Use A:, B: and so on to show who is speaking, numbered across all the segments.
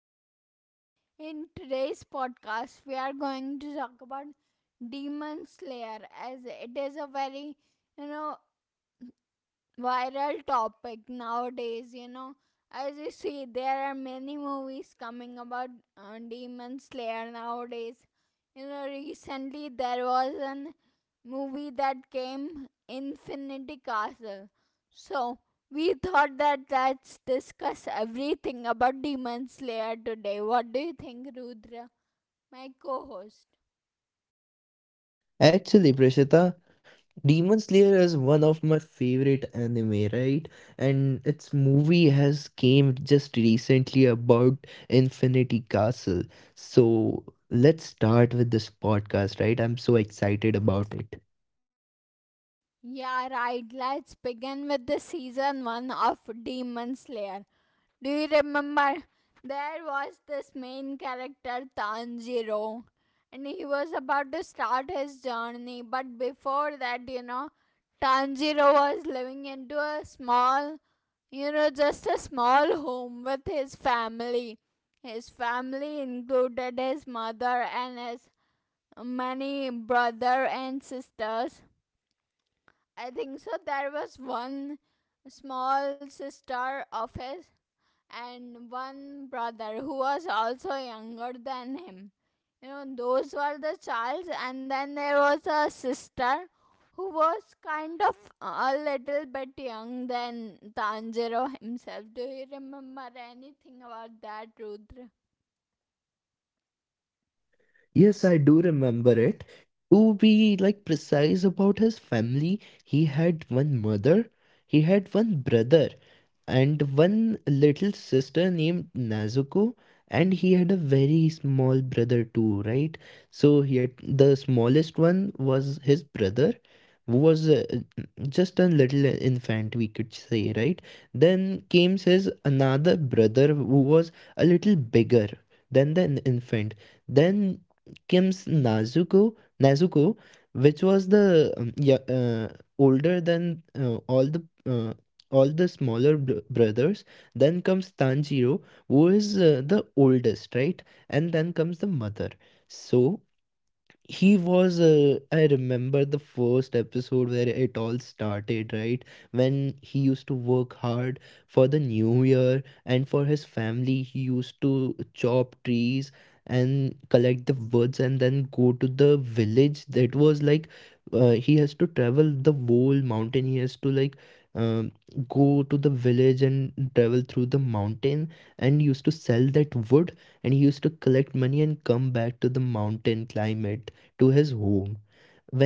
A: podcast. In today's podcast, we are going to talk about Demon Slayer as it is a very, you know, viral topic nowadays. As you see, there are many movies coming about Demon Slayer nowadays. Recently, there was an movie that came, Infinity Castle. So we thought that let's discuss everything about Demon Slayer today. What do you think, Rudra, my co-host?
B: Actually, Prashita, Demon Slayer is one of my favorite anime, right? And its movie has came just recently about Infinity Castle. So let's start with this podcast, right? I'm so excited about it.
A: Yeah, right. Let's begin with the season 1 of Demon Slayer. Do you remember? There was this main character Tanjiro, and he was about to start his journey. But before that, Tanjiro was living into a small, just a small home with his family. His family included his mother and his many brother and sisters. I think so. There was one small sister of his, and one brother who was also younger than him. You know, those were the childs, and then there was a sister who was kind of a little bit young than Tanjiro himself. Do you remember anything about that, Rudra?
B: Yes, I do remember it. To be like precise about his family, he had one mother, he had one brother, and one little sister named Nazuko, and he had a very small brother too, right? So he had the smallest one was his brother, who was just a little infant, we could say, right? Then came his another brother who was a little bigger than the infant. Then Kim's Nazuko, Nezuko, which was the older than uh, all the smaller brothers. Then comes Tanjiro, who is the oldest, right? And then comes the mother. So he was I remember the first episode where it all started, right, when he used to work hard for the new year, and for his family he used to chop trees and collect the woods and then go to the village. That was like, he has to travel the whole mountain, he has to like, um, go to the village and travel through the mountain and used to sell that wood, and he used to collect money and come back to the mountain climate to his home.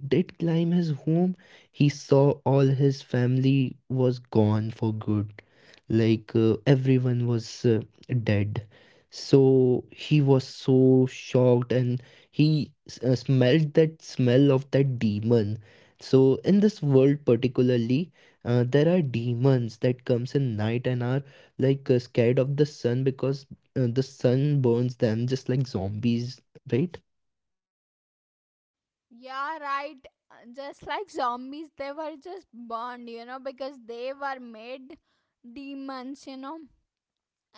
B: When he did climb his home, he saw all his family was gone for good. Like everyone was dead. So he was so shocked and he smelled that smell of that demon. So in this world particularly, there are demons that comes in night and are like scared of the sun because the sun burns them just like zombies, right?
A: Yeah, right. Just like zombies, they were just born, you know, because they were made demons, you know.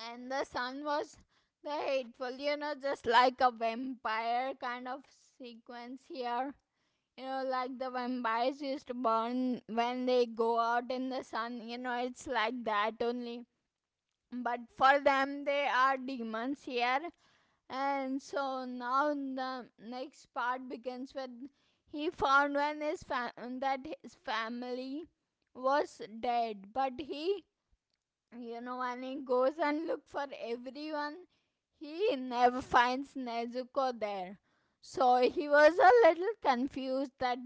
A: And the sun was the hateful, you know, just like a vampire kind of sequence here. You know, like the vampires used to burn when they go out in the sun, you know, it's like that only. But for them, they are demons here. And so now the next part begins with he found when that his family was dead. But he, you know, and he goes and look for everyone. He never finds Nezuko there. So he was a little confused that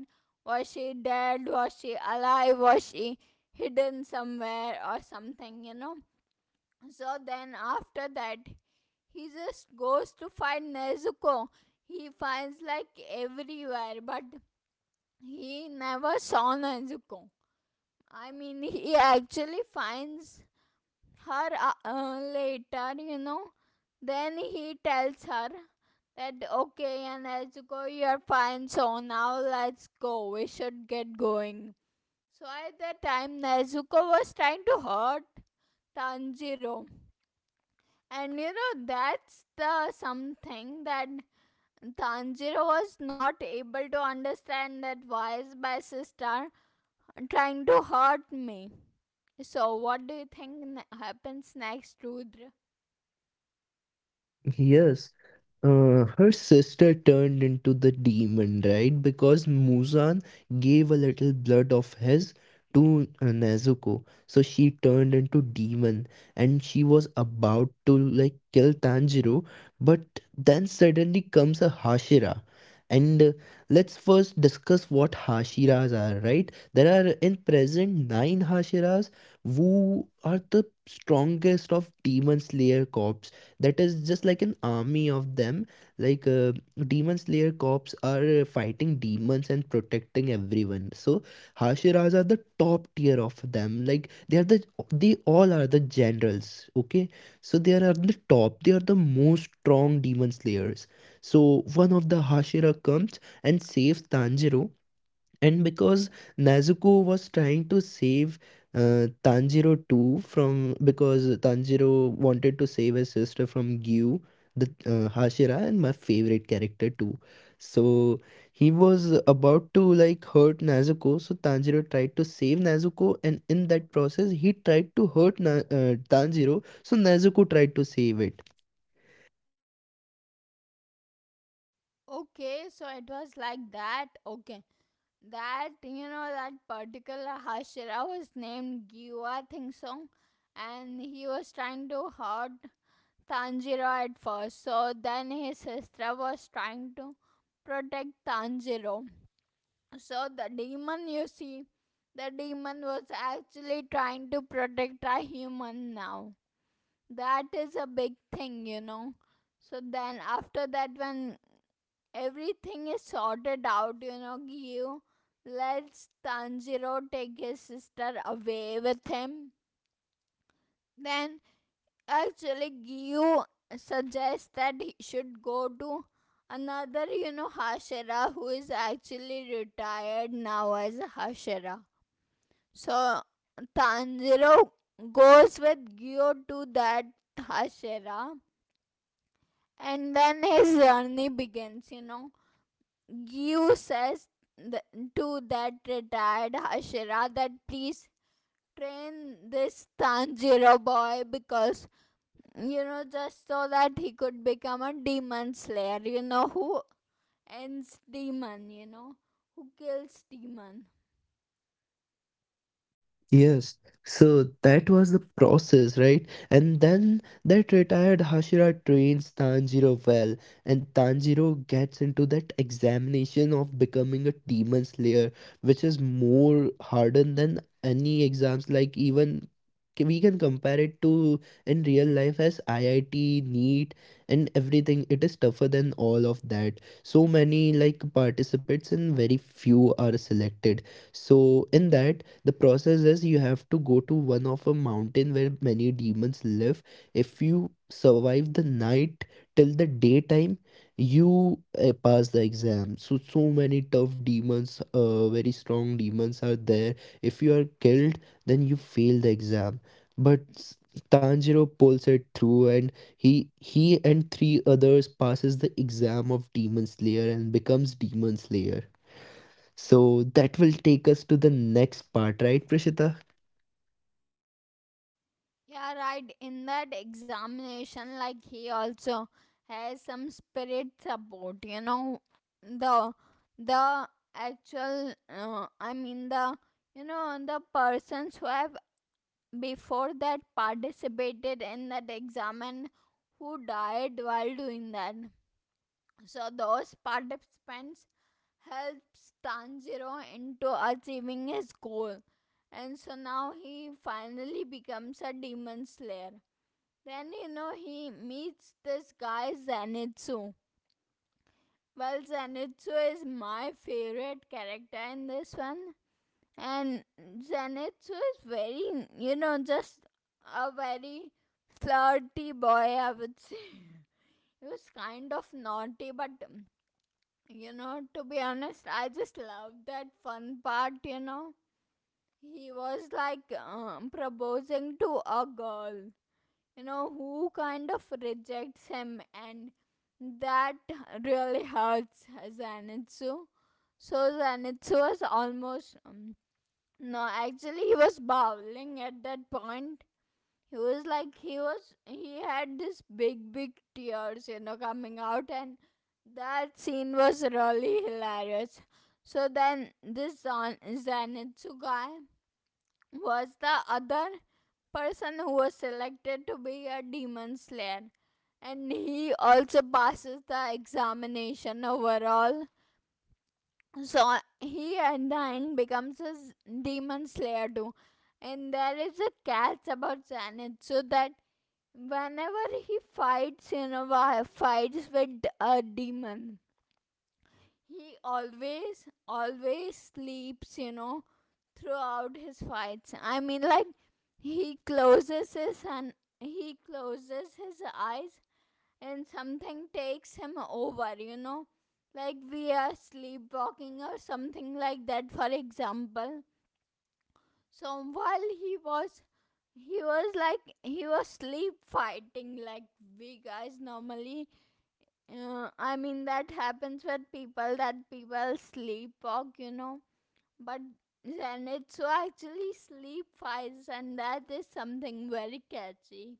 A: was she dead, was she alive, was she hidden somewhere or something, you know. So then after that, he just goes to find Nezuko. He finds like everywhere, but he never saw Nezuko. I mean, he actually finds her later, you know. Then he tells her that okay, and let's go, you're fine, so now let's go, we should get going. So at that time, Nezuko was trying to hurt Tanjiro, and you know that's the something that Tanjiro was not able to understand that why is my sister trying to hurt me. So what do you think happens next, Rudra?
B: Yes, her sister turned into the demon, right? Because Muzan gave a little blood of his to Nezuko. So she turned into demon and she was about to like kill Tanjiro, but then suddenly comes a Hashira. And let's first discuss what Hashiras are, right? There are in present nine Hashiras who are the strongest of Demon Slayer corps, that is just like an army of them. Like demon slayer cops are fighting demons and protecting everyone. So hashiras are the top tier of them. Like they are the, they all are the generals, okay? So they are at the top, they are the most strong demon slayers. So one of the hashira comes and saves Tanjiro. And because Nezuko was trying to save Tanjiro too, from because Tanjiro wanted to save his sister from Gyu, the Hashira, and my favorite character too. So he was about to like hurt Nezuko. So Tanjiro tried to save Nezuko, and in that process, he tried to hurt Tanjiro. So Nezuko tried to save it.
A: Okay, so it was like that. Okay. That, you know, that particular Hashira was named Gyua Thing Song, and he was trying to hurt Tanjiro at first. So then his sister was trying to protect Tanjiro. So the demon, you see, the demon was actually trying to protect a human now. That is a big thing, you know. So then after that, when everything is sorted out, you know, Gyu lets Tanjiro take his sister away with him. Then, actually, Gyu suggests that he should go to another, you know, Hashira who is actually retired now as a Hashira. So Tanjiro goes with Gyu to that Hashira, and then his journey begins, you know. Yu says th- to that retired Hashira that please train this Tanjiro boy, because you know, just so that he could become a demon slayer. You know who ends demon. You know who kills demon.
B: Yes, so that was the process, right? And then that retired Hashira trains Tanjiro well, and Tanjiro gets into that examination of becoming a demon slayer, which is more harder than any exams. Like even we can compare it to in real life as IIT, NEET, and everything. It is tougher than all of that. So many like participants, and very few are selected. So in that, the process is you have to go to one of a mountain where many demons live. If you survive the night till the daytime, you pass the exam. So so many tough demons, very strong demons are there. If you are killed, then you fail the exam. But s- Tanjiro pulls it through and he and three others passes the exam of demon slayer and becomes demon slayer. So that will take us to the next part, right, Prishita?
A: Yeah, right. In that examination, like he also has some spirit support. You know, the the actual. I mean the, you know, the persons who have before that participated in that exam and who died while doing that. So those participants helps Tanjiro into achieving his goal, and so now he finally becomes a demon slayer. Then, you know, he meets this guy Zenitsu. Well, Zenitsu is my favorite character in this one, and Zenitsu is very, you know, just a very flirty boy, I would say. He was kind of naughty, but you know, to be honest, I just love that fun part, you know. He was like proposing to a girl, you know, who kind of rejects him, and that really hurts Zanitsu. So Zanitsu was almost no, actually he was bowling at that point. He was like he had this big tears, you know, coming out, and that scene was really hilarious. So then this Zanitsu guy was the other person who was selected to be a demon slayer, and he also passes the examination overall. So he at the end becomes a demon slayer too. And there is a catch about Zenith, so that whenever he fights, you know, fights with a demon, he always, always sleeps, you know, throughout his fights. I mean, like, he closes his and he closes his eyes, and something takes him over, you know. Like we are sleepwalking or something like that, for example. So while he was like he was sleep fighting, like we guys normally, I mean, that happens with people that people sleepwalk, you know. But Zenitsu actually sleep fights, and that is something very catchy.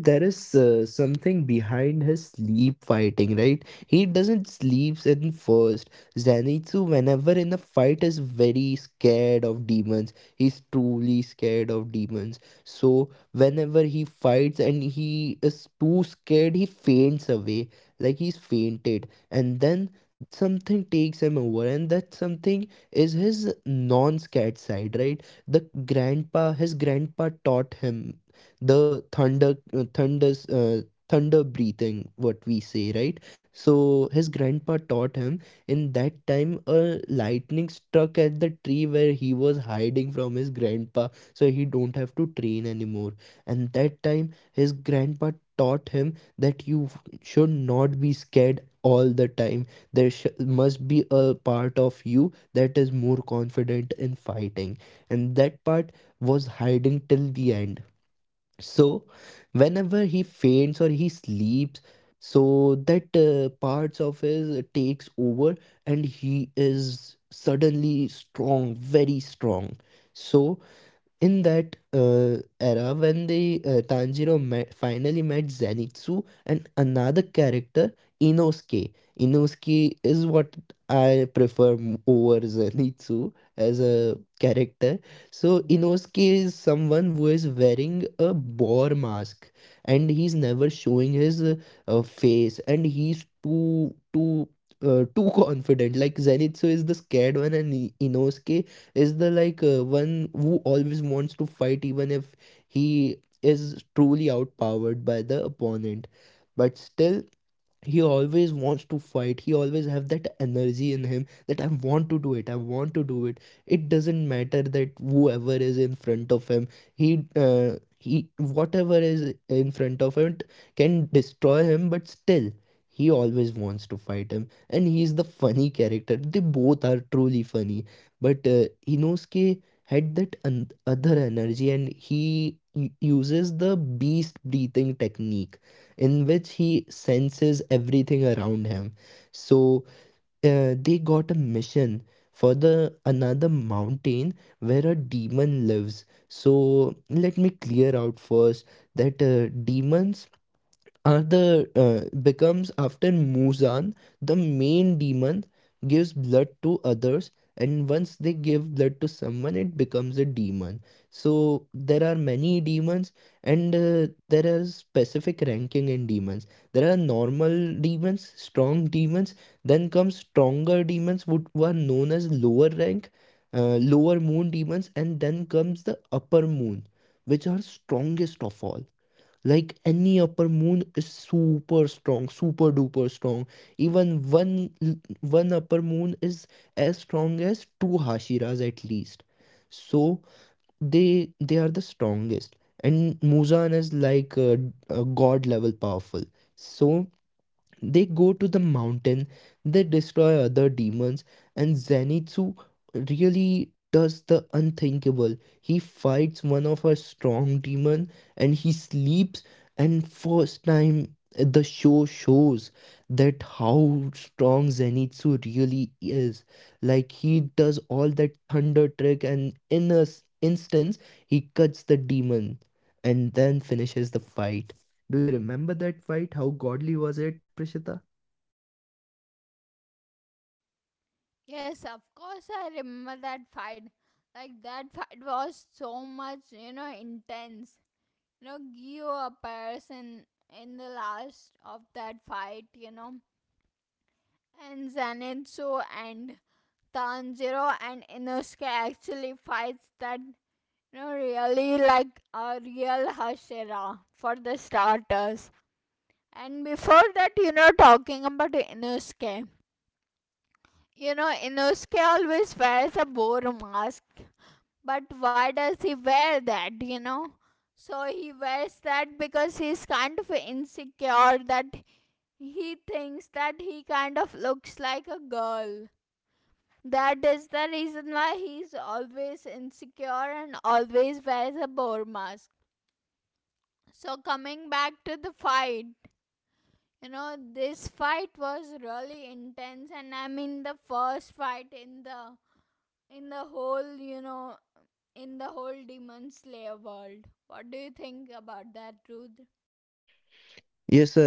B: Actually, there is something behind his sleep fighting, right? He doesn't sleeps in first. Zenitsu, whenever in a fight, is very scared of demons. He's truly scared of demons. So whenever he fights and he is too scared, he faints away, like he's fainted. And then something takes him over, and that something is his non-scared side, right? The grandpa, his grandpa taught him the thunder thunder breathing, what we say, right? So his grandpa taught him, in that time a lightning struck at the tree where he was hiding from his grandpa, so he don't have to train anymore. And that time his grandpa taught him that you should not be scared all the time. Must be a part of you that is more confident in fighting, and that part was hiding till the end. So, whenever he faints or he sleeps, so that parts of his takes over, and he is suddenly strong, very strong. So, in that era, when the Tanjiro met, finally met Zenitsu and another character, Inosuke. Inosuke is what I prefer over Zenitsu as a character. So Inosuke is someone who is wearing a boar mask, and he's never showing his face, and he's too confident. Like Zenitsu is the scared one, and Inosuke is the like one who always wants to fight, even if he is truly outpowered by the opponent. But still he always wants to fight, he always have that energy in him that I want to do it, I want to do it. It doesn't matter that whoever is in front of him, he uh, he whatever is in front of him can destroy him, but still he always wants to fight him. And he's the funny character, they both are truly funny. But Inosuke had that other energy, and he uses the beast breathing technique, in which he senses everything around him. So they got a mission for the another mountain where a demon lives. So let me clear out first that demons Arthur becomes after Muzan, the main demon, gives blood to others, and once they give blood to someone it becomes a demon. So there are many demons, and there are specific ranking in demons. There are normal demons, strong demons, then come stronger demons, who are known as lower rank lower moon demons. And then comes the upper moon, which are strongest of all. Like any upper moon is super strong, super duper strong. Even one upper moon is as strong as two hashiras at least. So they are the strongest, and Muzan is like a god level powerful. So they go to the mountain, they destroy other demons, and Zenitsu really does the unthinkable. He fights one of our strong demon, and he sleeps, and first time the show shows that how strong Zenitsu really is. Like he does all that thunder trick, and in a instance he cuts the demon and then finishes the fight. Do you remember that fight? How godly was it, Prishita?
A: Yes, of course, I remember that fight. Like, that fight was so much, you know, intense. You know, Gyo appears in the last of that fight, you know. And Zenitsu and Tanjiro and Inosuke actually fights that. No, really like a real hashera for the starters. And before that, you know, talking about Inosuke. You know, Inosuke always wears a boar mask. But why does he wear that, you know? So he wears that because he's kind of insecure that he thinks that he kind of looks like a girl. That is the reason why he's always insecure and always wears a boar mask. So coming back to the fight, you know, this fight was really intense, and I mean the first fight in the whole, you know, in the whole Demon Slayer world. What do you think about that, Rudra?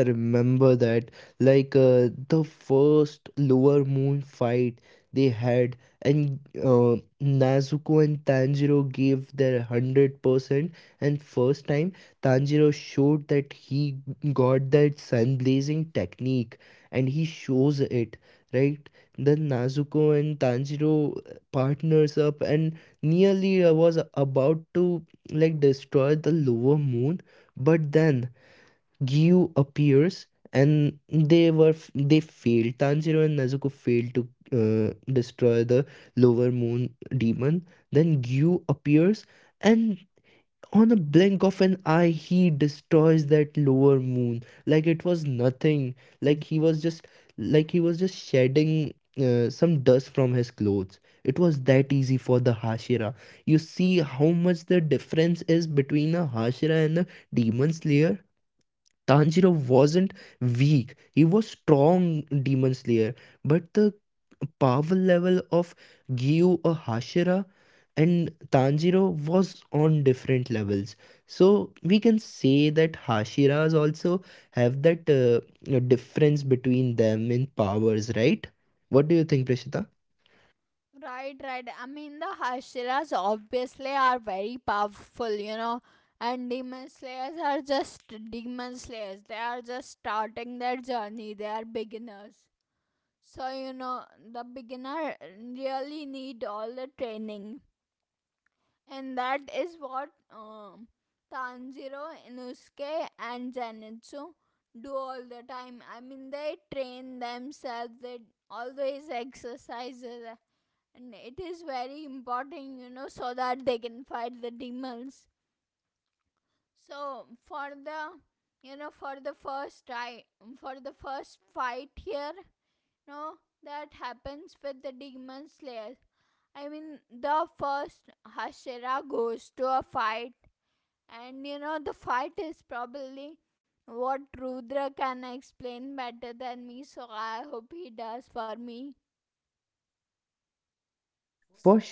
B: Yes, I remember that. Like the first Lower Moon fight they had, and Nezuko and Tanjiro gave their 100%. And first time, Tanjiro showed that he got that sun blazing technique, and he shows it, right? Then Nezuko and Tanjiro partners up and nearly was about to like destroy the Lower Moon, but then Gyu appears and they were they failed. Tanjiro and Nezuko failed to destroy the lower moon demon. Then Gyu appears and on a blink of an eye he destroys that lower moon like it was nothing. Like he was just, like he was just shedding some dust from his clothes. It was that easy for the Hashira. You see how much the difference is between a Hashira and a demon slayer? Tanjiro wasn't weak, he was strong demon slayer, but the power level of Gyu or Hashira and Tanjiro was on different levels. So we can say that Hashiras also have that difference between them in powers, right? What do you think, Prashita?
A: Right, right. I mean the Hashiras obviously are very powerful, you know. And demon slayers are just demon slayers. They are just starting their journey. They are beginners. So, you know, the beginner really need all the training. And that is what Tanjiro, Inosuke and Zenitsu do all the time. I mean, they train themselves, they always exercises. And it is very important, you know, so that they can fight the demons. So, you know, for the first, try, for the first fight here, no, that happens with the demon slayer. I mean, the first Hashira goes to a fight, and you know, the fight is probably what Rudra can explain better than me, so I hope he does for me.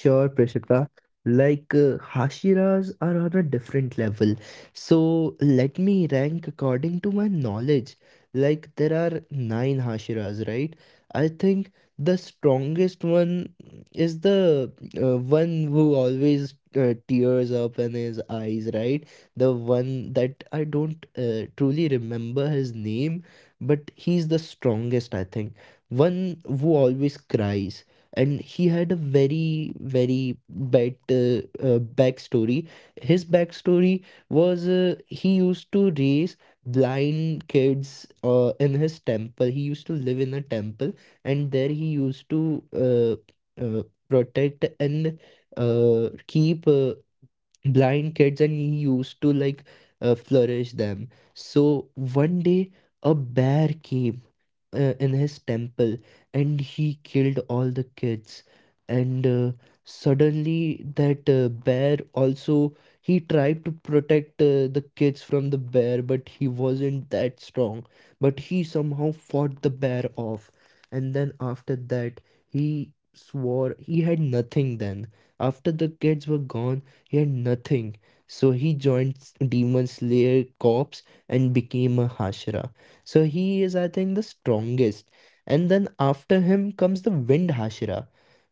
B: For sure, Prishita. Like Hashiras are on a different level. So let me rank according to my knowledge. Like there are nine Hashiras, right? I think the strongest one is the one who always tears up in his eyes, right? The one that I don't truly remember his name, but he's the strongest, I think. One who always cries, and he had a very bad backstory. His backstory was, he used to raise blind kids in his temple. He used to live in a temple, and there he used to uh, uh, protect and keep blind kids, and he used to like flourish them. So one day a bear came in his temple and he killed all the kids. And suddenly that bear also, he tried to protect the kids from the bear, but he wasn't that strong. But he somehow fought the bear off, and then after that he swore he had nothing. Then after the kids were gone, he had nothing, so he joined Demon Slayer Corps and became a Hashira. So he is, I think, the strongest. And then after him comes the Wind Hashira.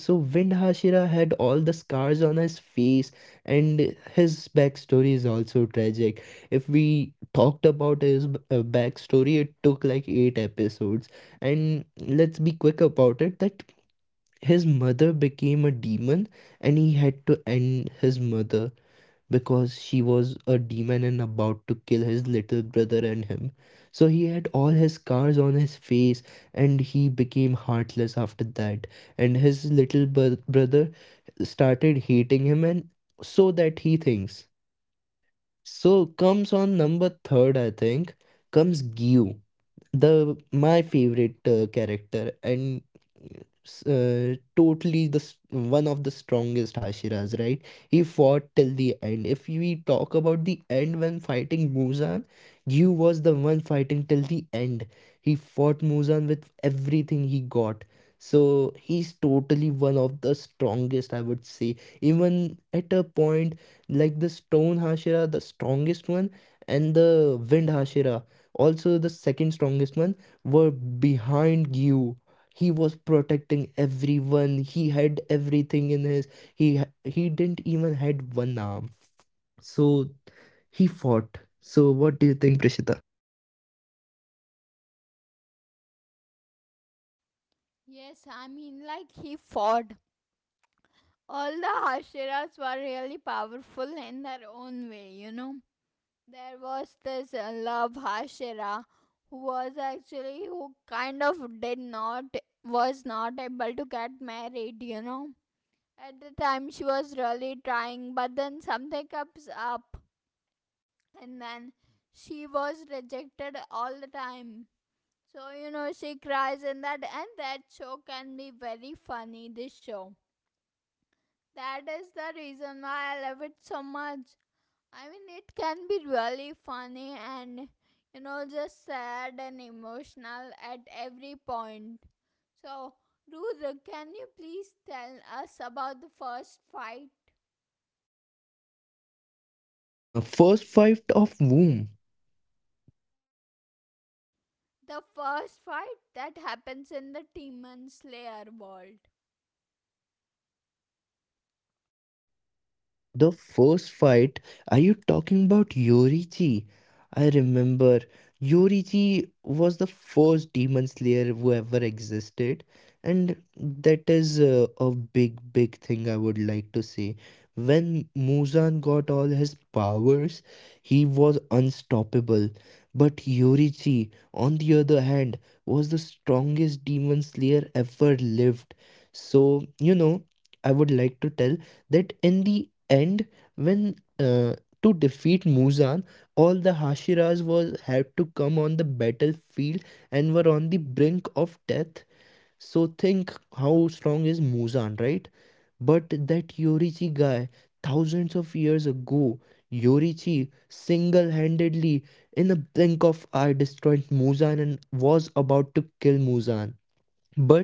B: Okay, so Wind Hashira had all the scars on his face, and his backstory is also tragic. If we talked about his backstory, it took like 8 episodes. And let's be quick about it that his mother became a demon, and he had to end his mother because she was a demon and about to kill his little brother and him. So he had all his scars on his face and he became heartless after that. And his little brother started hating him, and so that he thinks. So comes on number third, I think, comes Gyu, the my favorite character, and totally one of the strongest Hashiras, right? He fought till the end. If we talk about the end when fighting Muzan, Gyu was the one fighting till the end. He fought Muzan with everything he got. So he's totally one of the strongest, I would say. Even at a point, like, the Stone Hashira, the strongest one, and the Wind Hashira, also the second strongest one, were behind you. He was protecting everyone. He had everything in his, he he didn't even had one arm. So he fought. So what do you think, Prishita?
A: Yes, I mean, like he fought. All the Hashiras were really powerful in their own way, you know. There was this love Hashira who was actually who kind of did not was not able to get married, you know. At the time she was really trying, but then something comes up, and then she was rejected all the time. So you know she cries in that, and that show can be very funny, this show. That is the reason why I love it so much. I mean, it can be really funny and, you know, just sad and emotional at every point. So, Rudra, can you please tell us about the first fight?
B: First fight of whom?
A: The first fight that happens in the Demon Slayer world.
B: The first fight, are you talking about Yorichi? I remember Yorichi was the first demon slayer who ever existed, and that is a big thing I would like to say. When Muzan got all his powers, he was unstoppable. But Yorichi, on the other hand, was the strongest demon slayer ever lived. So, you know, I would like to tell that in the end, when to defeat Muzan, all the Hashiras was had to come on the battlefield and were on the brink of death. So think how strong is Muzan, right? But that Yorichi guy, thousands of years ago, Yorichi single-handedly in a blink of eye destroyed Muzan and was about to kill Muzan.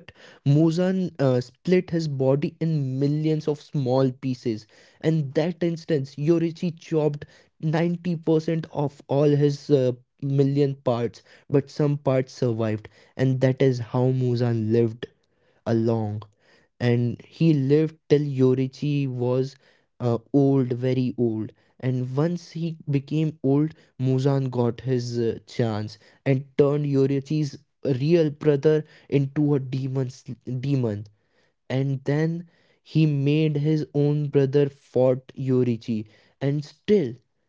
B: But Muzan split his body in millions of small pieces, and that instance, Yorichi chopped 90% of all his million parts, but some parts survived, and that is how Muzan lived along. And he lived till Yorichi was, old, very old. And once he became old, Muzan got his chance and turned Yorichi's real brother into a demon. And then he made his own brother fought Yorichi, and still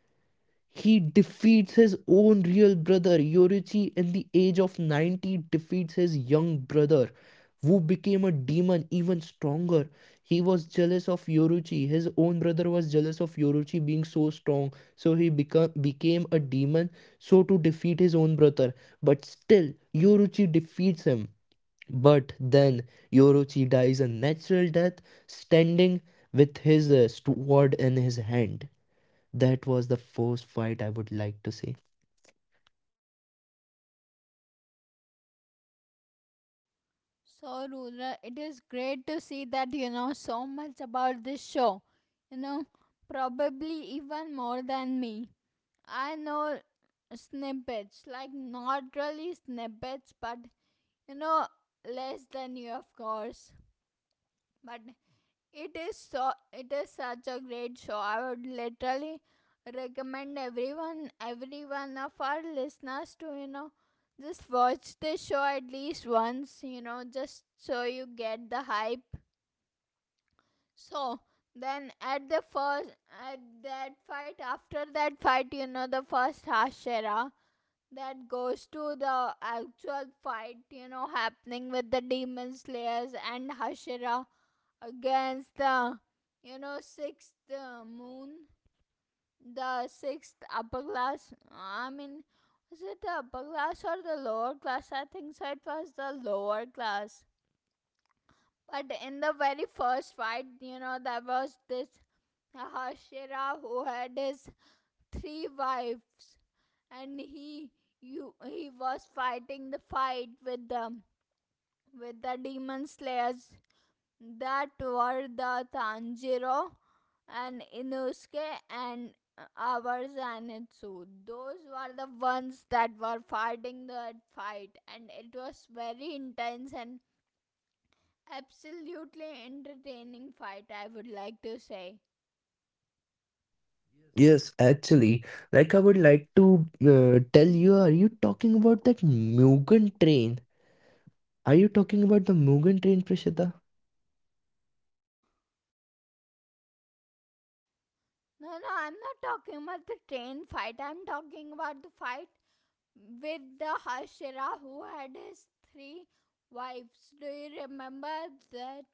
B: he defeats his own real brother, Yoruchi, in the age of 90, defeats his young brother, who became a demon even stronger. He was jealous of Yoruchi. His own brother was jealous of Yoruchi being so strong, so he became a demon so to defeat his own brother. But still, Yoruchi defeats him. But then Yoruchi dies a natural death, standing with his sword in his hand. That was the first fight, I would like to say.
A: So, Rudra, it is great to see that you know so much about this show. You know, probably even more than me. I know snippets, like not really snippets, but you know, less than you, of course. But it is so, it is such a great show. I would literally recommend everyone, every one of our listeners to, you know, just watch this show at least once, you know, just so you get the hype. So, then at the first at that fight, after that fight, you know, the first Hashira that goes to the actual fight, you know, happening with the demon slayers and Hashira against the, you know, sixth moon, the sixth upper class. I mean, was it the upper class or the lower class? I think so. It was the lower class. But in the very first fight, you know, there was this Hashira who had his three wives, and he was fighting the fight with the demon slayers that were the Tanjiro and Inosuke and our Zanitsu. Those were the ones that were fighting that fight, and it was very intense and absolutely entertaining fight, I would like to say.
B: Yes, actually, like, I would like to tell you, are you talking about that Mugen Train? Are you talking about the Mugen Train, Prishita?
A: No, no, I'm not talking about the train fight, I'm talking about the fight with the Hashira who had his three wives. Do you remember that?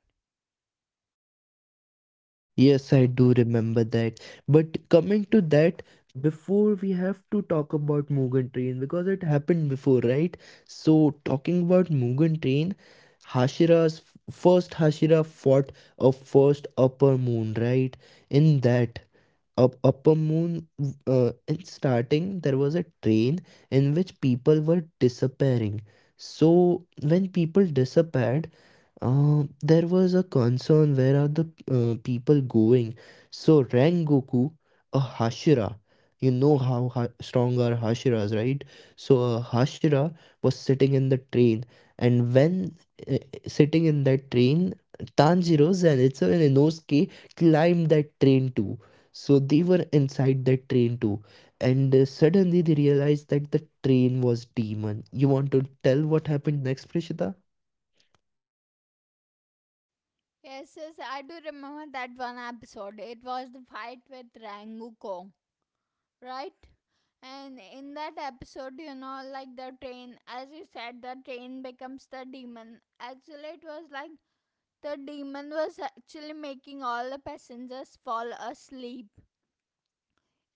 B: Yes, I do remember that. But coming to that, before we have to talk about Mugen Train because it happened before, right? So, talking about Mugen Train, Hashira's first Hashira fought a first upper moon, right? In that upper moon, in starting, there was a train in which people were disappearing. So, when people disappeared, there was a concern, where are the people going? So Rengoku, a Hashira, you know how ha strong are Hashiras, right? So a Hashira was sitting in the train, and when uh, sitting in that train, Tanjiro, Zenitsu, and Inosuke climbed that train too. So they were inside that train too, and suddenly they realized that the train was demon. You want to tell what happened next, Prishita?
A: Yes, yes, I do remember that one episode. It was the fight with Ranguko, right? And in that episode, you know, like the train, as you said, the train becomes the demon. Actually, it was like the demon was actually making all the passengers fall asleep.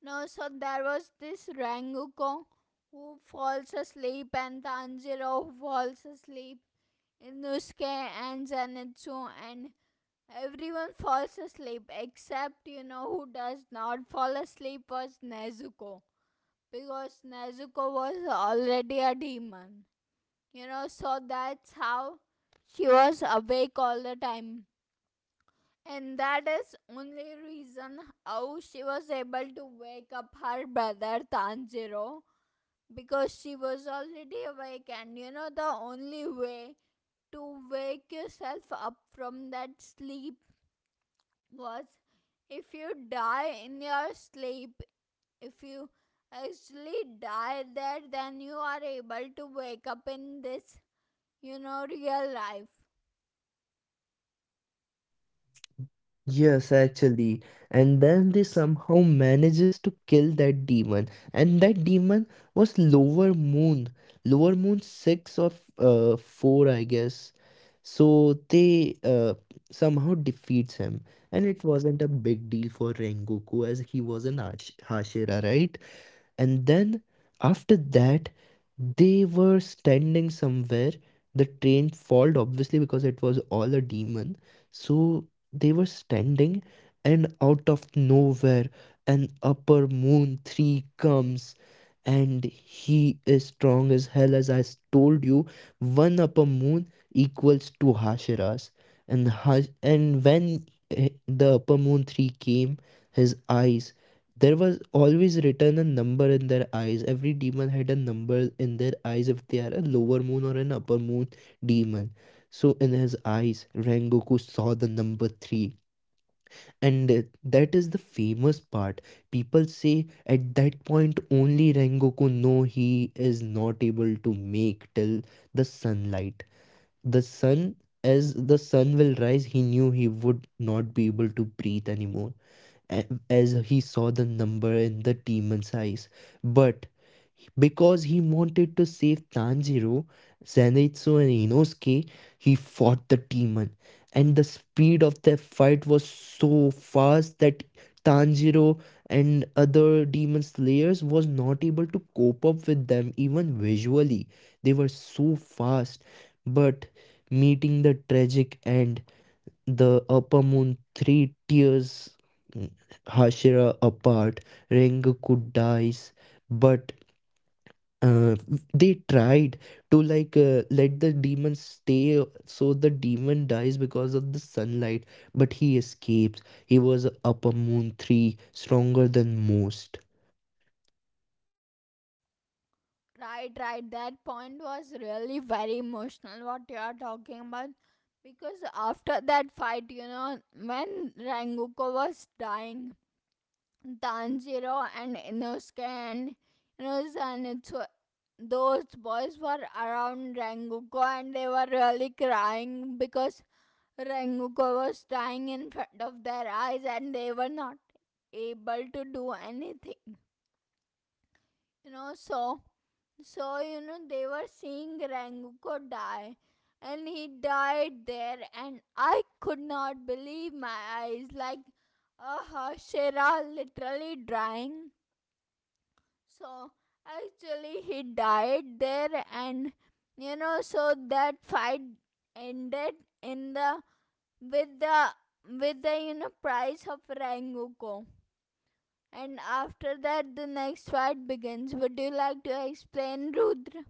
A: No, so there was this Ranguko who falls asleep and Tanjiro who falls asleep, Inosuke and Zenitsu and everyone falls asleep except, you know, who does not fall asleep was Nezuko because Nezuko was already a demon. You know, so that's how she was awake all the time. And that is only reason how she was able to wake up her brother Tanjiro because she was already awake, and you know the only way to wake yourself up from that sleep was if you die in your sleep, if you actually die there, then you are able to wake up in this, real life.
B: Yes, actually. And then they somehow manages to kill that demon. And that demon was Lower Moon. Lower Moon 6, or 4, I guess. So they somehow defeats him. And it wasn't a big deal for Rengoku as he was an Hashira, right? And then after that they were standing somewhere. The train failed obviously because it was all a demon. So they were standing, and out of nowhere an upper moon 3 comes, and he is strong as hell. As I told you, one upper moon equals two hashiras. And when the upper moon 3 came, his eyes, there was always written a number in their eyes. Every demon had a number in their eyes if they are a lower moon or an upper moon demon. So in his eyes, Rengoku saw the number three. And that is the famous part. People say at that point only Rengoku know he is not able to make till the sunlight. The sun, as the sun will rise, he knew he would not be able to breathe anymore as he saw the number in the demon's eyes. But because he wanted to save Tanjiro, Zenitsu, and Inosuke, he fought the demon. And the speed of their fight was so fast that Tanjiro and other demon slayers was not able to cope up with them even visually. They were so fast. But meeting the tragic end, the upper moon three tears Hashira apart. Rengoku could dies, but uh, they tried to like let the demon stay so the demon dies because of the sunlight, but he escapes. He was upper moon three, stronger than most.
A: Right, right. That point was really very emotional what you are talking about. Because after that fight, you know, when Rengoku was dying, Tanjiro and Inosuke and, you know, Zenitsu, those boys were around Rengoku and they were really crying because Rengoku was dying in front of their eyes and they were not able to do anything. You know, so so, you know, they were seeing Ranguko die, and he died there, and I could not believe my eyes. Like, Shera literally dying. So, actually, he died there, and you know, so that fight ended in the with the with the price of Ranguko. And after that, the next fight begins. Would you like to explain, Rudra?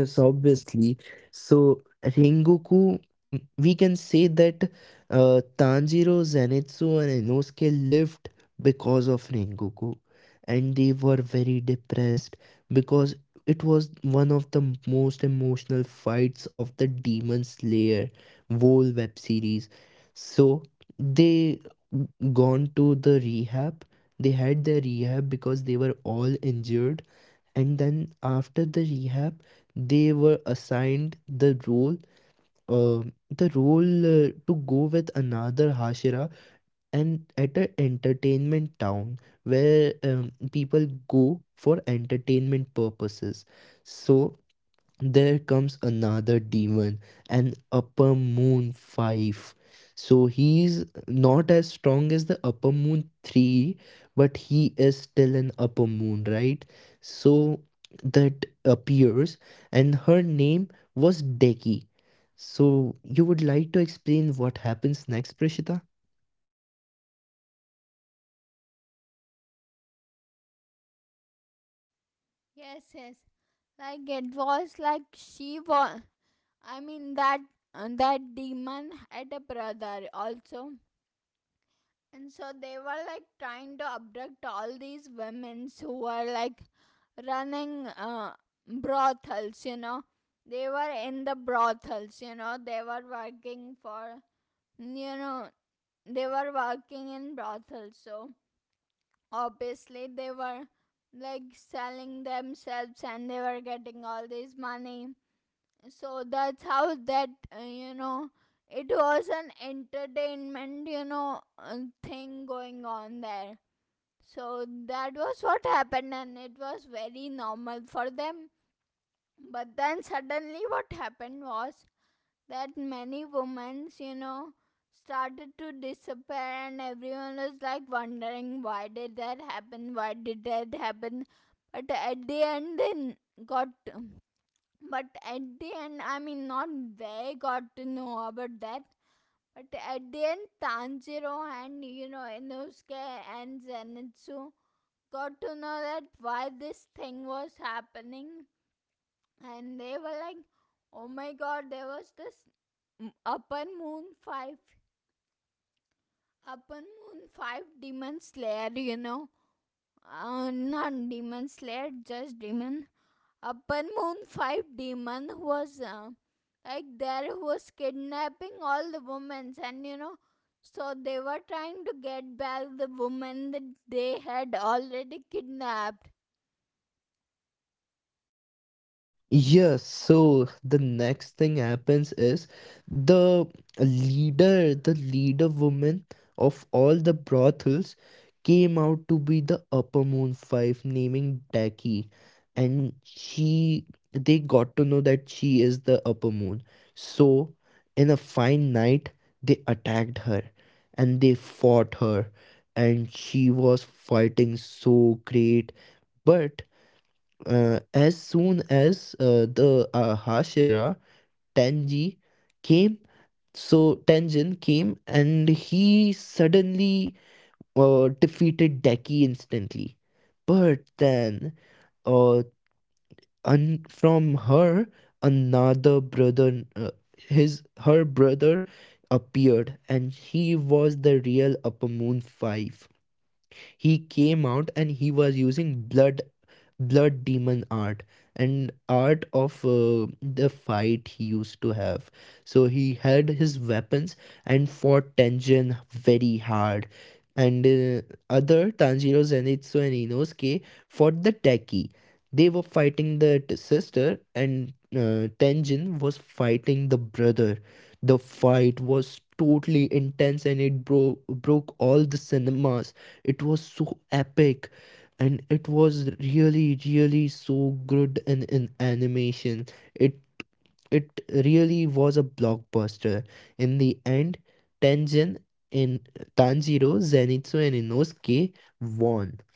B: Yes, obviously. So, Rengoku, we can say that Tanjiro, Zenitsu, and Inosuke lived because of Rengoku, and they were very depressed because it was one of the most emotional fights of the Demon Slayer whole web series. So, they gone to the rehab. They had their rehab because they were all injured, and then after the rehab they were assigned the role, uh, to go with another hashira, and at an entertainment town where people go for entertainment purposes. So there comes another demon, an upper moon 5. So he's not as strong as the upper moon 3, but he is still an upper moon, right? So that appears, and her name was Deki. So you would like to explain what happens next, Prishita?
A: Yes, yes. Like it was like she was. I mean that that demon had a brother also, and so they were like trying to abduct all these women who were like running brothels. You know, they were in the brothels. You know, they were working for, you know, they were working in brothels. So obviously they were like selling themselves and they were getting all this money. So that's how that, uh, it was an entertainment, uh, thing going on there. So that was what happened and it was very normal for them. But then suddenly what happened was that many women, you know, started to disappear and everyone was like wondering, why did that happen, why did that happen? But at the end they got, but at the end, I mean, not, they got to know about that. But at the end Tanjiro and, you know, Inosuke and Zenitsu got to know that why this thing was happening. And they were like, oh my god, there was this upper moon 5, upper moon 5 demon slayer you know not demon slayer just demon. Upper Moon 5 demon was like there was kidnapping all the women, and you know, so they were trying to get back the women that they had already kidnapped.
B: Yes, so the next thing happens is the the leader woman of all the brothels came out to be the upper moon five, naming Daki. And she, they got to know that she is the upper moon. So, in a fine night, they attacked her and they fought her. And she was fighting so great. But as soon as the Hashira Tenji came, so Tenjin came and he suddenly defeated Deki instantly. But then, uh, from her, another brother, his her brother appeared, and he was the real Upper Moon Five. He came out and he was using blood demon art and art of the fight he used to have. So he had his weapons and fought Tenjin very hard. And other Tanjiro, Zenitsu, and Inosuke fought the Teki. They were fighting the sister, and Tenjin was fighting the brother. The fight was totally intense, and it broke all the cinemas. It was so epic, and it was really so good in animation. It it really was a blockbuster. In the end, Tengen in Tanjiro, Zenitsu, and Inosuke won.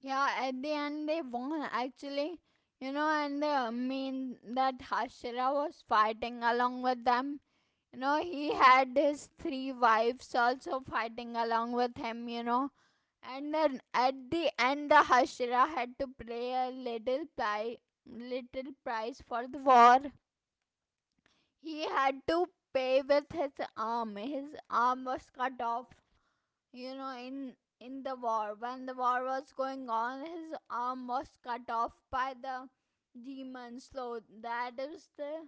A: Yeah, at the end they won actually. You know, and the I mean that Hashira was fighting along with them. You know, he had his three wives also fighting along with him, you know. And then at the end, the Hashira had to pay a little, little price for the war. He had to pay with his arm. His arm was cut off, you know, in the war. When the war was going on, his arm was cut off by the demons. So that is the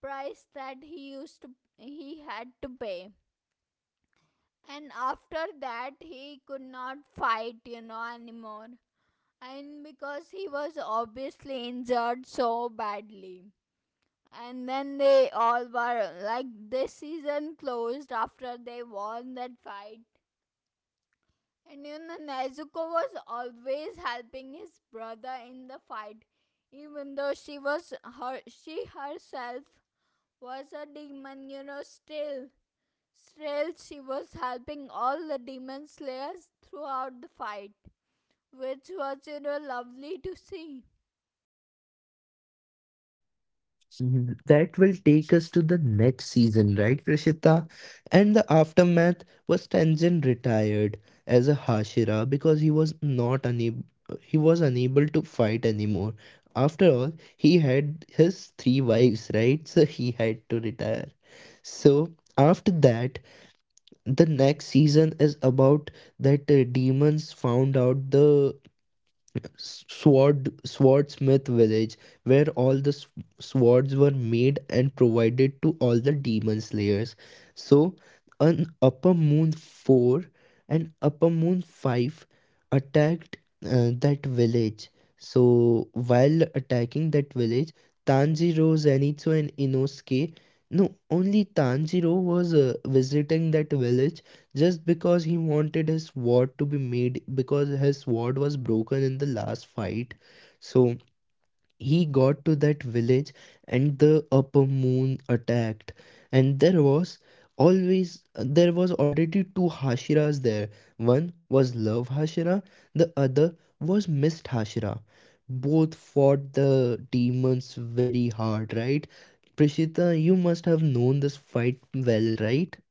A: price that he had to pay, and after that he could not fight, you know, anymore, and because he was obviously injured so badly. And then they all were like this season closed after they won that fight. And you know Nezuko was always helping his brother in the fight, even though she was, her she herself was a demon, you know. Still, still, she was helping all the demon slayers throughout the fight, which was, you know, lovely to see.
B: Mhm. That will take us to the next season, right, Prashita? And the aftermath was Tenzin retired as a Hashira because he was not unable he was unable to fight anymore. After all, he had his three wives, right? So he had to retire. So after that, the next season is about that demons found out the sword swordsmith village where all the swords were made and provided to all the demon slayers. So an upper moon 4 and upper moon 5 attacked that village. So while attacking that village, tanjiro zenitsu and inosuke no only Tanjiro was visiting that village, just because he wanted his sword to be made because his sword was broken in the last fight. So he got to that village, and the upper moon attacked. And always there was already two hashiras there. One was Love Hashira, the other was Mist Hashira. Both fought the demons very hard, right? Prishita, you must have known this fight well, right?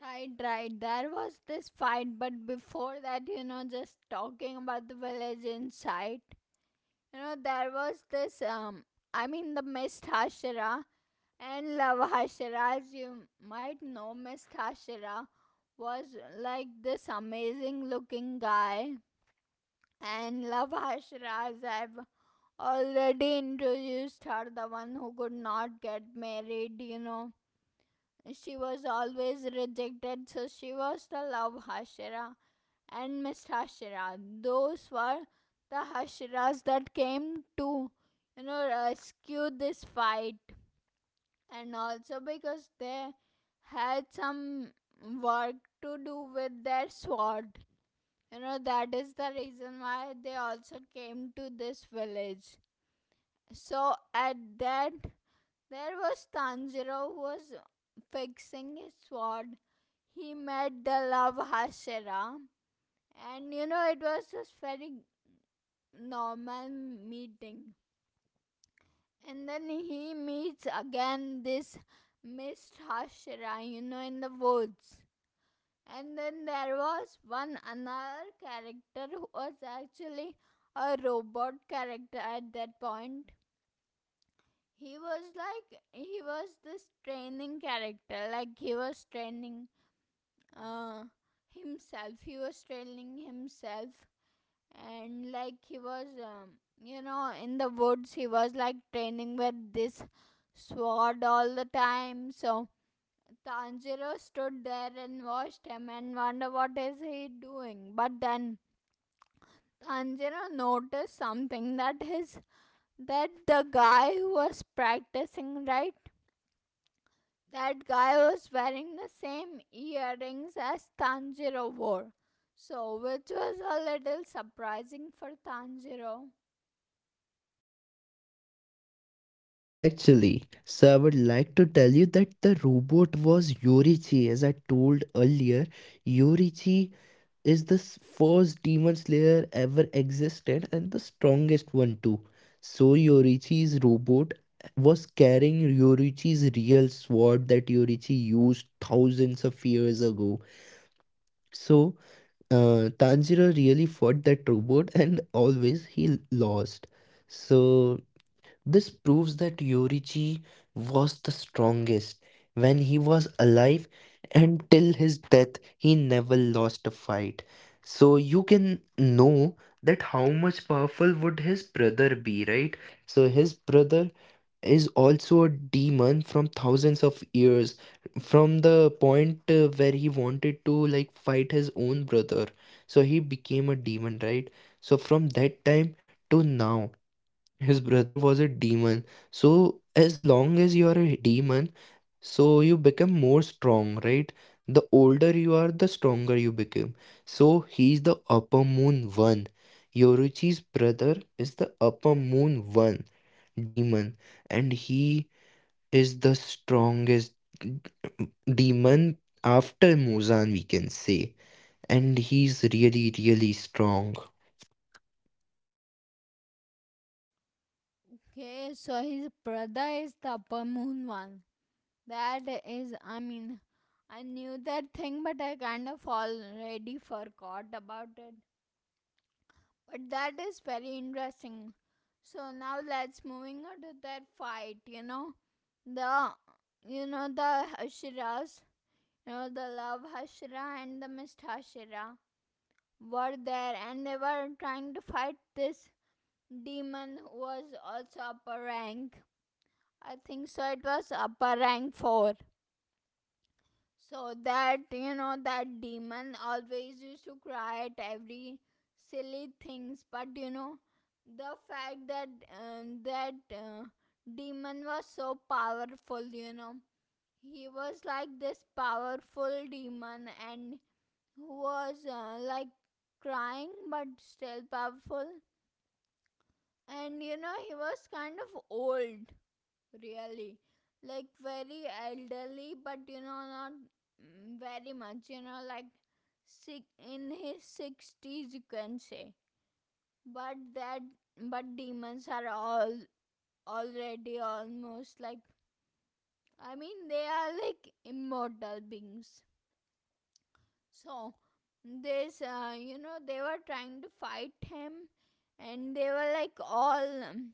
A: Right, right. There was this fight, but before that, you know, just talking about the village inside, you know, there was this, I mean, the Miss Hashira and Love Hashira, as you might know, Miss Hashira was like this amazing looking guy, and Love Hashira, as I've already introduced her, the one who could not get married, you know. She was always rejected, so she was the love Hashira and Miss Hashira. Those were the Hashiras that came to, you know, rescue this fight. And also because they had some work to do with their sword. You know, that is the reason why they also came to this village. So, at that there was Tanjiro who was fixing his sword. He met the love Hashira, and you know it was just very normal meeting. And then he meets again this Miss Hashira, you know, in the woods. And then there was one another character who was actually a robot character at that point. He was like, he was this training character, like he was training uh, himself. He was trailing himself, and like he was, you know, in the woods, he was like training with this sword all the time. So Tanjiro stood there and watched him and wonder what is he doing. But then Tanjiro noticed something that his that the guy who was practicing, right, that guy was wearing the same earrings as Tanjiro wore. So, which was a little surprising for Tanjiro.
B: Actually, so I would like to tell you that the robot was Yorichi. As I told earlier, Yorichi is the first demon slayer ever existed and the strongest one too. So Yorichi's robot was carrying Yorichi's real sword that Yorichi used thousands of years ago. So Tanjiro really fought that robot, and always he lost. So this proves that Yorichi was the strongest when he was alive, and till his death he never lost a fight. So you can know that how much powerful would his brother be, right? So his brother is also a demon from thousands of years, from the point where he wanted to like fight his own brother. So he became a demon, right? So from that time to now his brother was a demon. So, as long as you are a demon, so you become more strong, right? The older you are, the stronger you become. So, he's the upper moon one. Yoruchi's brother is the upper moon one demon, and he is the strongest demon after Muzan, we can say. And he's really, really strong.
A: Okay, so his brother is the upper moon one. That is, I mean, I knew that thing, but I kind of already forgot about it. But that is very interesting. So now let's moving on to that fight, you know. The You know the Hashiras, you know the love Hashira and the Mist Hashira were there and they were trying to fight this demon who was also upper rank. I think so it was upper rank four. So that you know that demon always used to cry at every silly things, but you know the fact that um, that uh, demon was so powerful, you know, he was like this powerful demon and who was like crying but still powerful, and you know he was kind of old, really, like very elderly, but you know not, very much, you know, like sick, in his 60s you can say. But that, but demons are all already almost like, I mean, they are like immortal beings. So this, they were trying to fight him. And they were like all,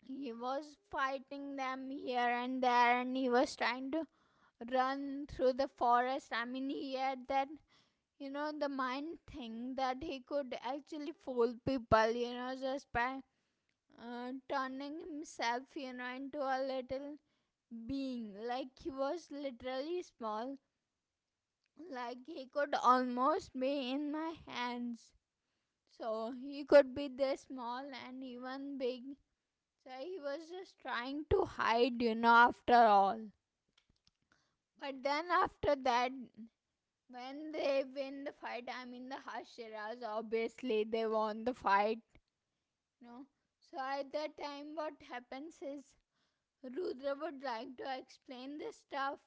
A: he was fighting them here and there and he was trying to run through the forest. I mean, he had that, you know, the mind thing that he could actually fool people, you know, just by turning himself, you know, into a little being. Like, he was literally small, like, he could almost be in my hands. So, he could be this small and even big. So, he was just trying to hide, you know, after all. But then after that, when they win the fight, I mean the Hashiras, obviously they won the fight. No. So at that time what happens is Rudra would like to explain this stuff.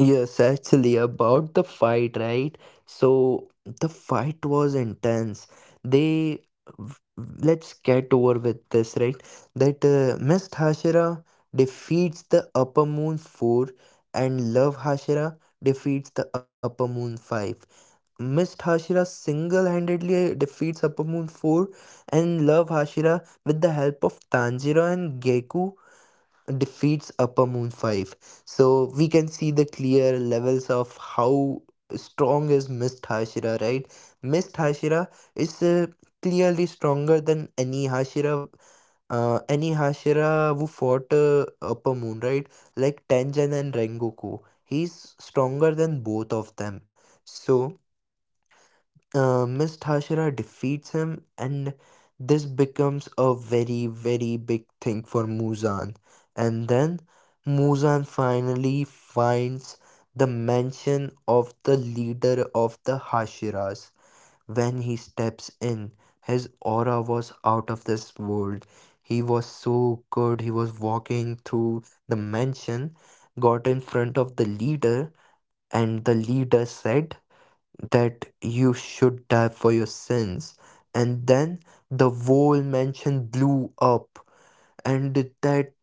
B: Yes, actually, about the fight, right? So the fight was intense. They v- let's get over with this, right? That Miss Hashira defeats the Upper Moon 4, and Love Hashira defeats the Upper Moon 5. Miss Hashira single-handedly defeats Upper Moon 4, and Love Hashira, with the help of Tanjiro and Geku, defeats Upper Moon 5. So we can see the clear levels of how strong is Miss Hashira, right? Miss Hashira is clearly stronger than any Hashira who fought Upper Moon, right? Like Tenjin and Rengoku. He's stronger than both of them. So Miss Tashira defeats him, and this becomes a very, very big thing for Muzan. And then Muzan finally finds the mansion of the leader of the Hashiras. When he steps in, his aura was out of this world. He was so good. He was walking through the mansion, got in front of the leader, and the leader said that you should die for your sins. And then the whole mansion blew up, and that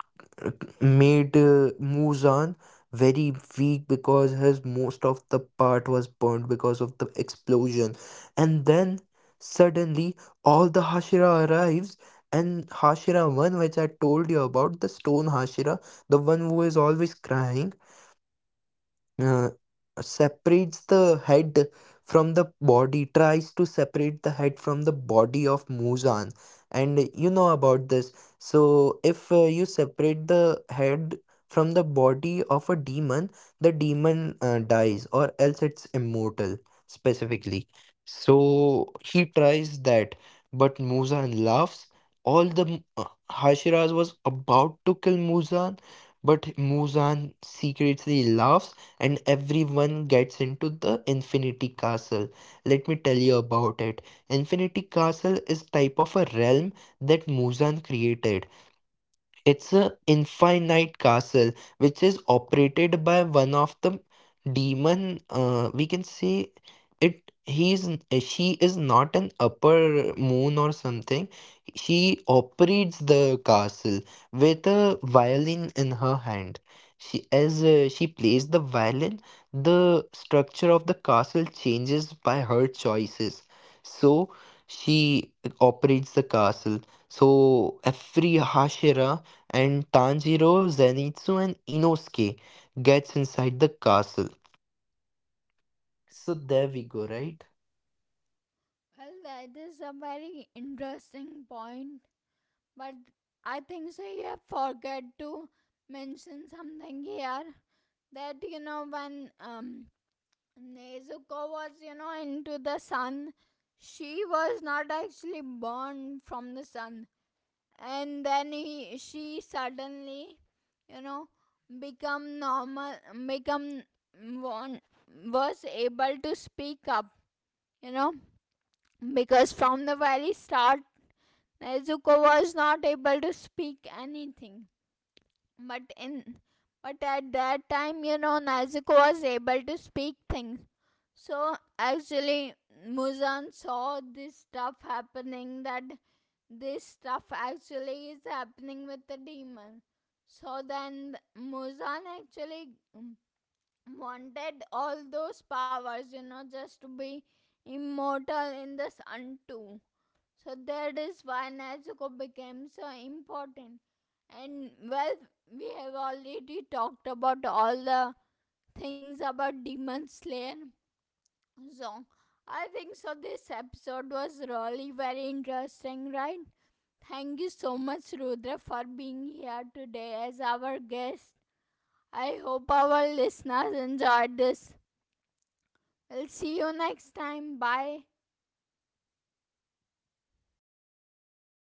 B: made Muzan very weak because his most of the part was burned because of the explosion. And then suddenly all the Hashira arrives, and Hashira 1, which I told you about, the stone Hashira, the one who is always crying, uh, separates the head from the body, tries to separate the head from the body of Muzan. And you know about this. So, if you separate the head from the body of a demon, the demon dies, or else it's immortal, specifically. So, he tries that, but Muzan laughs. All the Hashiraz was about to kill Muzan, but Muzan secretly laughs, and everyone gets into the Infinity Castle. Let me tell you about it. Infinity Castle is type of a realm that Muzan created. It's a infinite castle which is operated by one of the demon. We can say it. He's She is not an upper moon or something. She operates the castle with a violin in her hand. She as she plays the violin, the structure of the castle changes by her choices. So she operates the castle. So every Hashira and Tanjiro, Zenitsu, and Inosuke gets inside the castle. So there we go, right?
A: Well that is a very interesting point. But I think so you have forget to mention something here. That you know when Nezuko was, you know, into the sun. She was not actually born from the sun. And then she suddenly, you know, become normal, become one, was able to speak up, you know, because from the very start Nezuko was not able to speak anything, but in, but at that time, you know, Nezuko was able to speak things. So actually, Muzan saw this stuff happening, that this stuff actually is happening with the demon. So then Muzan actually, mm, wanted all those powers, you know, just to be immortal in the sun too. So that is why Nezuko became so important. And well, we have already talked about all the things about Demon Slayer song. I think so. This episode was really very interesting, right? Thank you so much, Rudra, for being here today as our guest. I hope our listeners enjoyed this. I'll see you next time. Bye.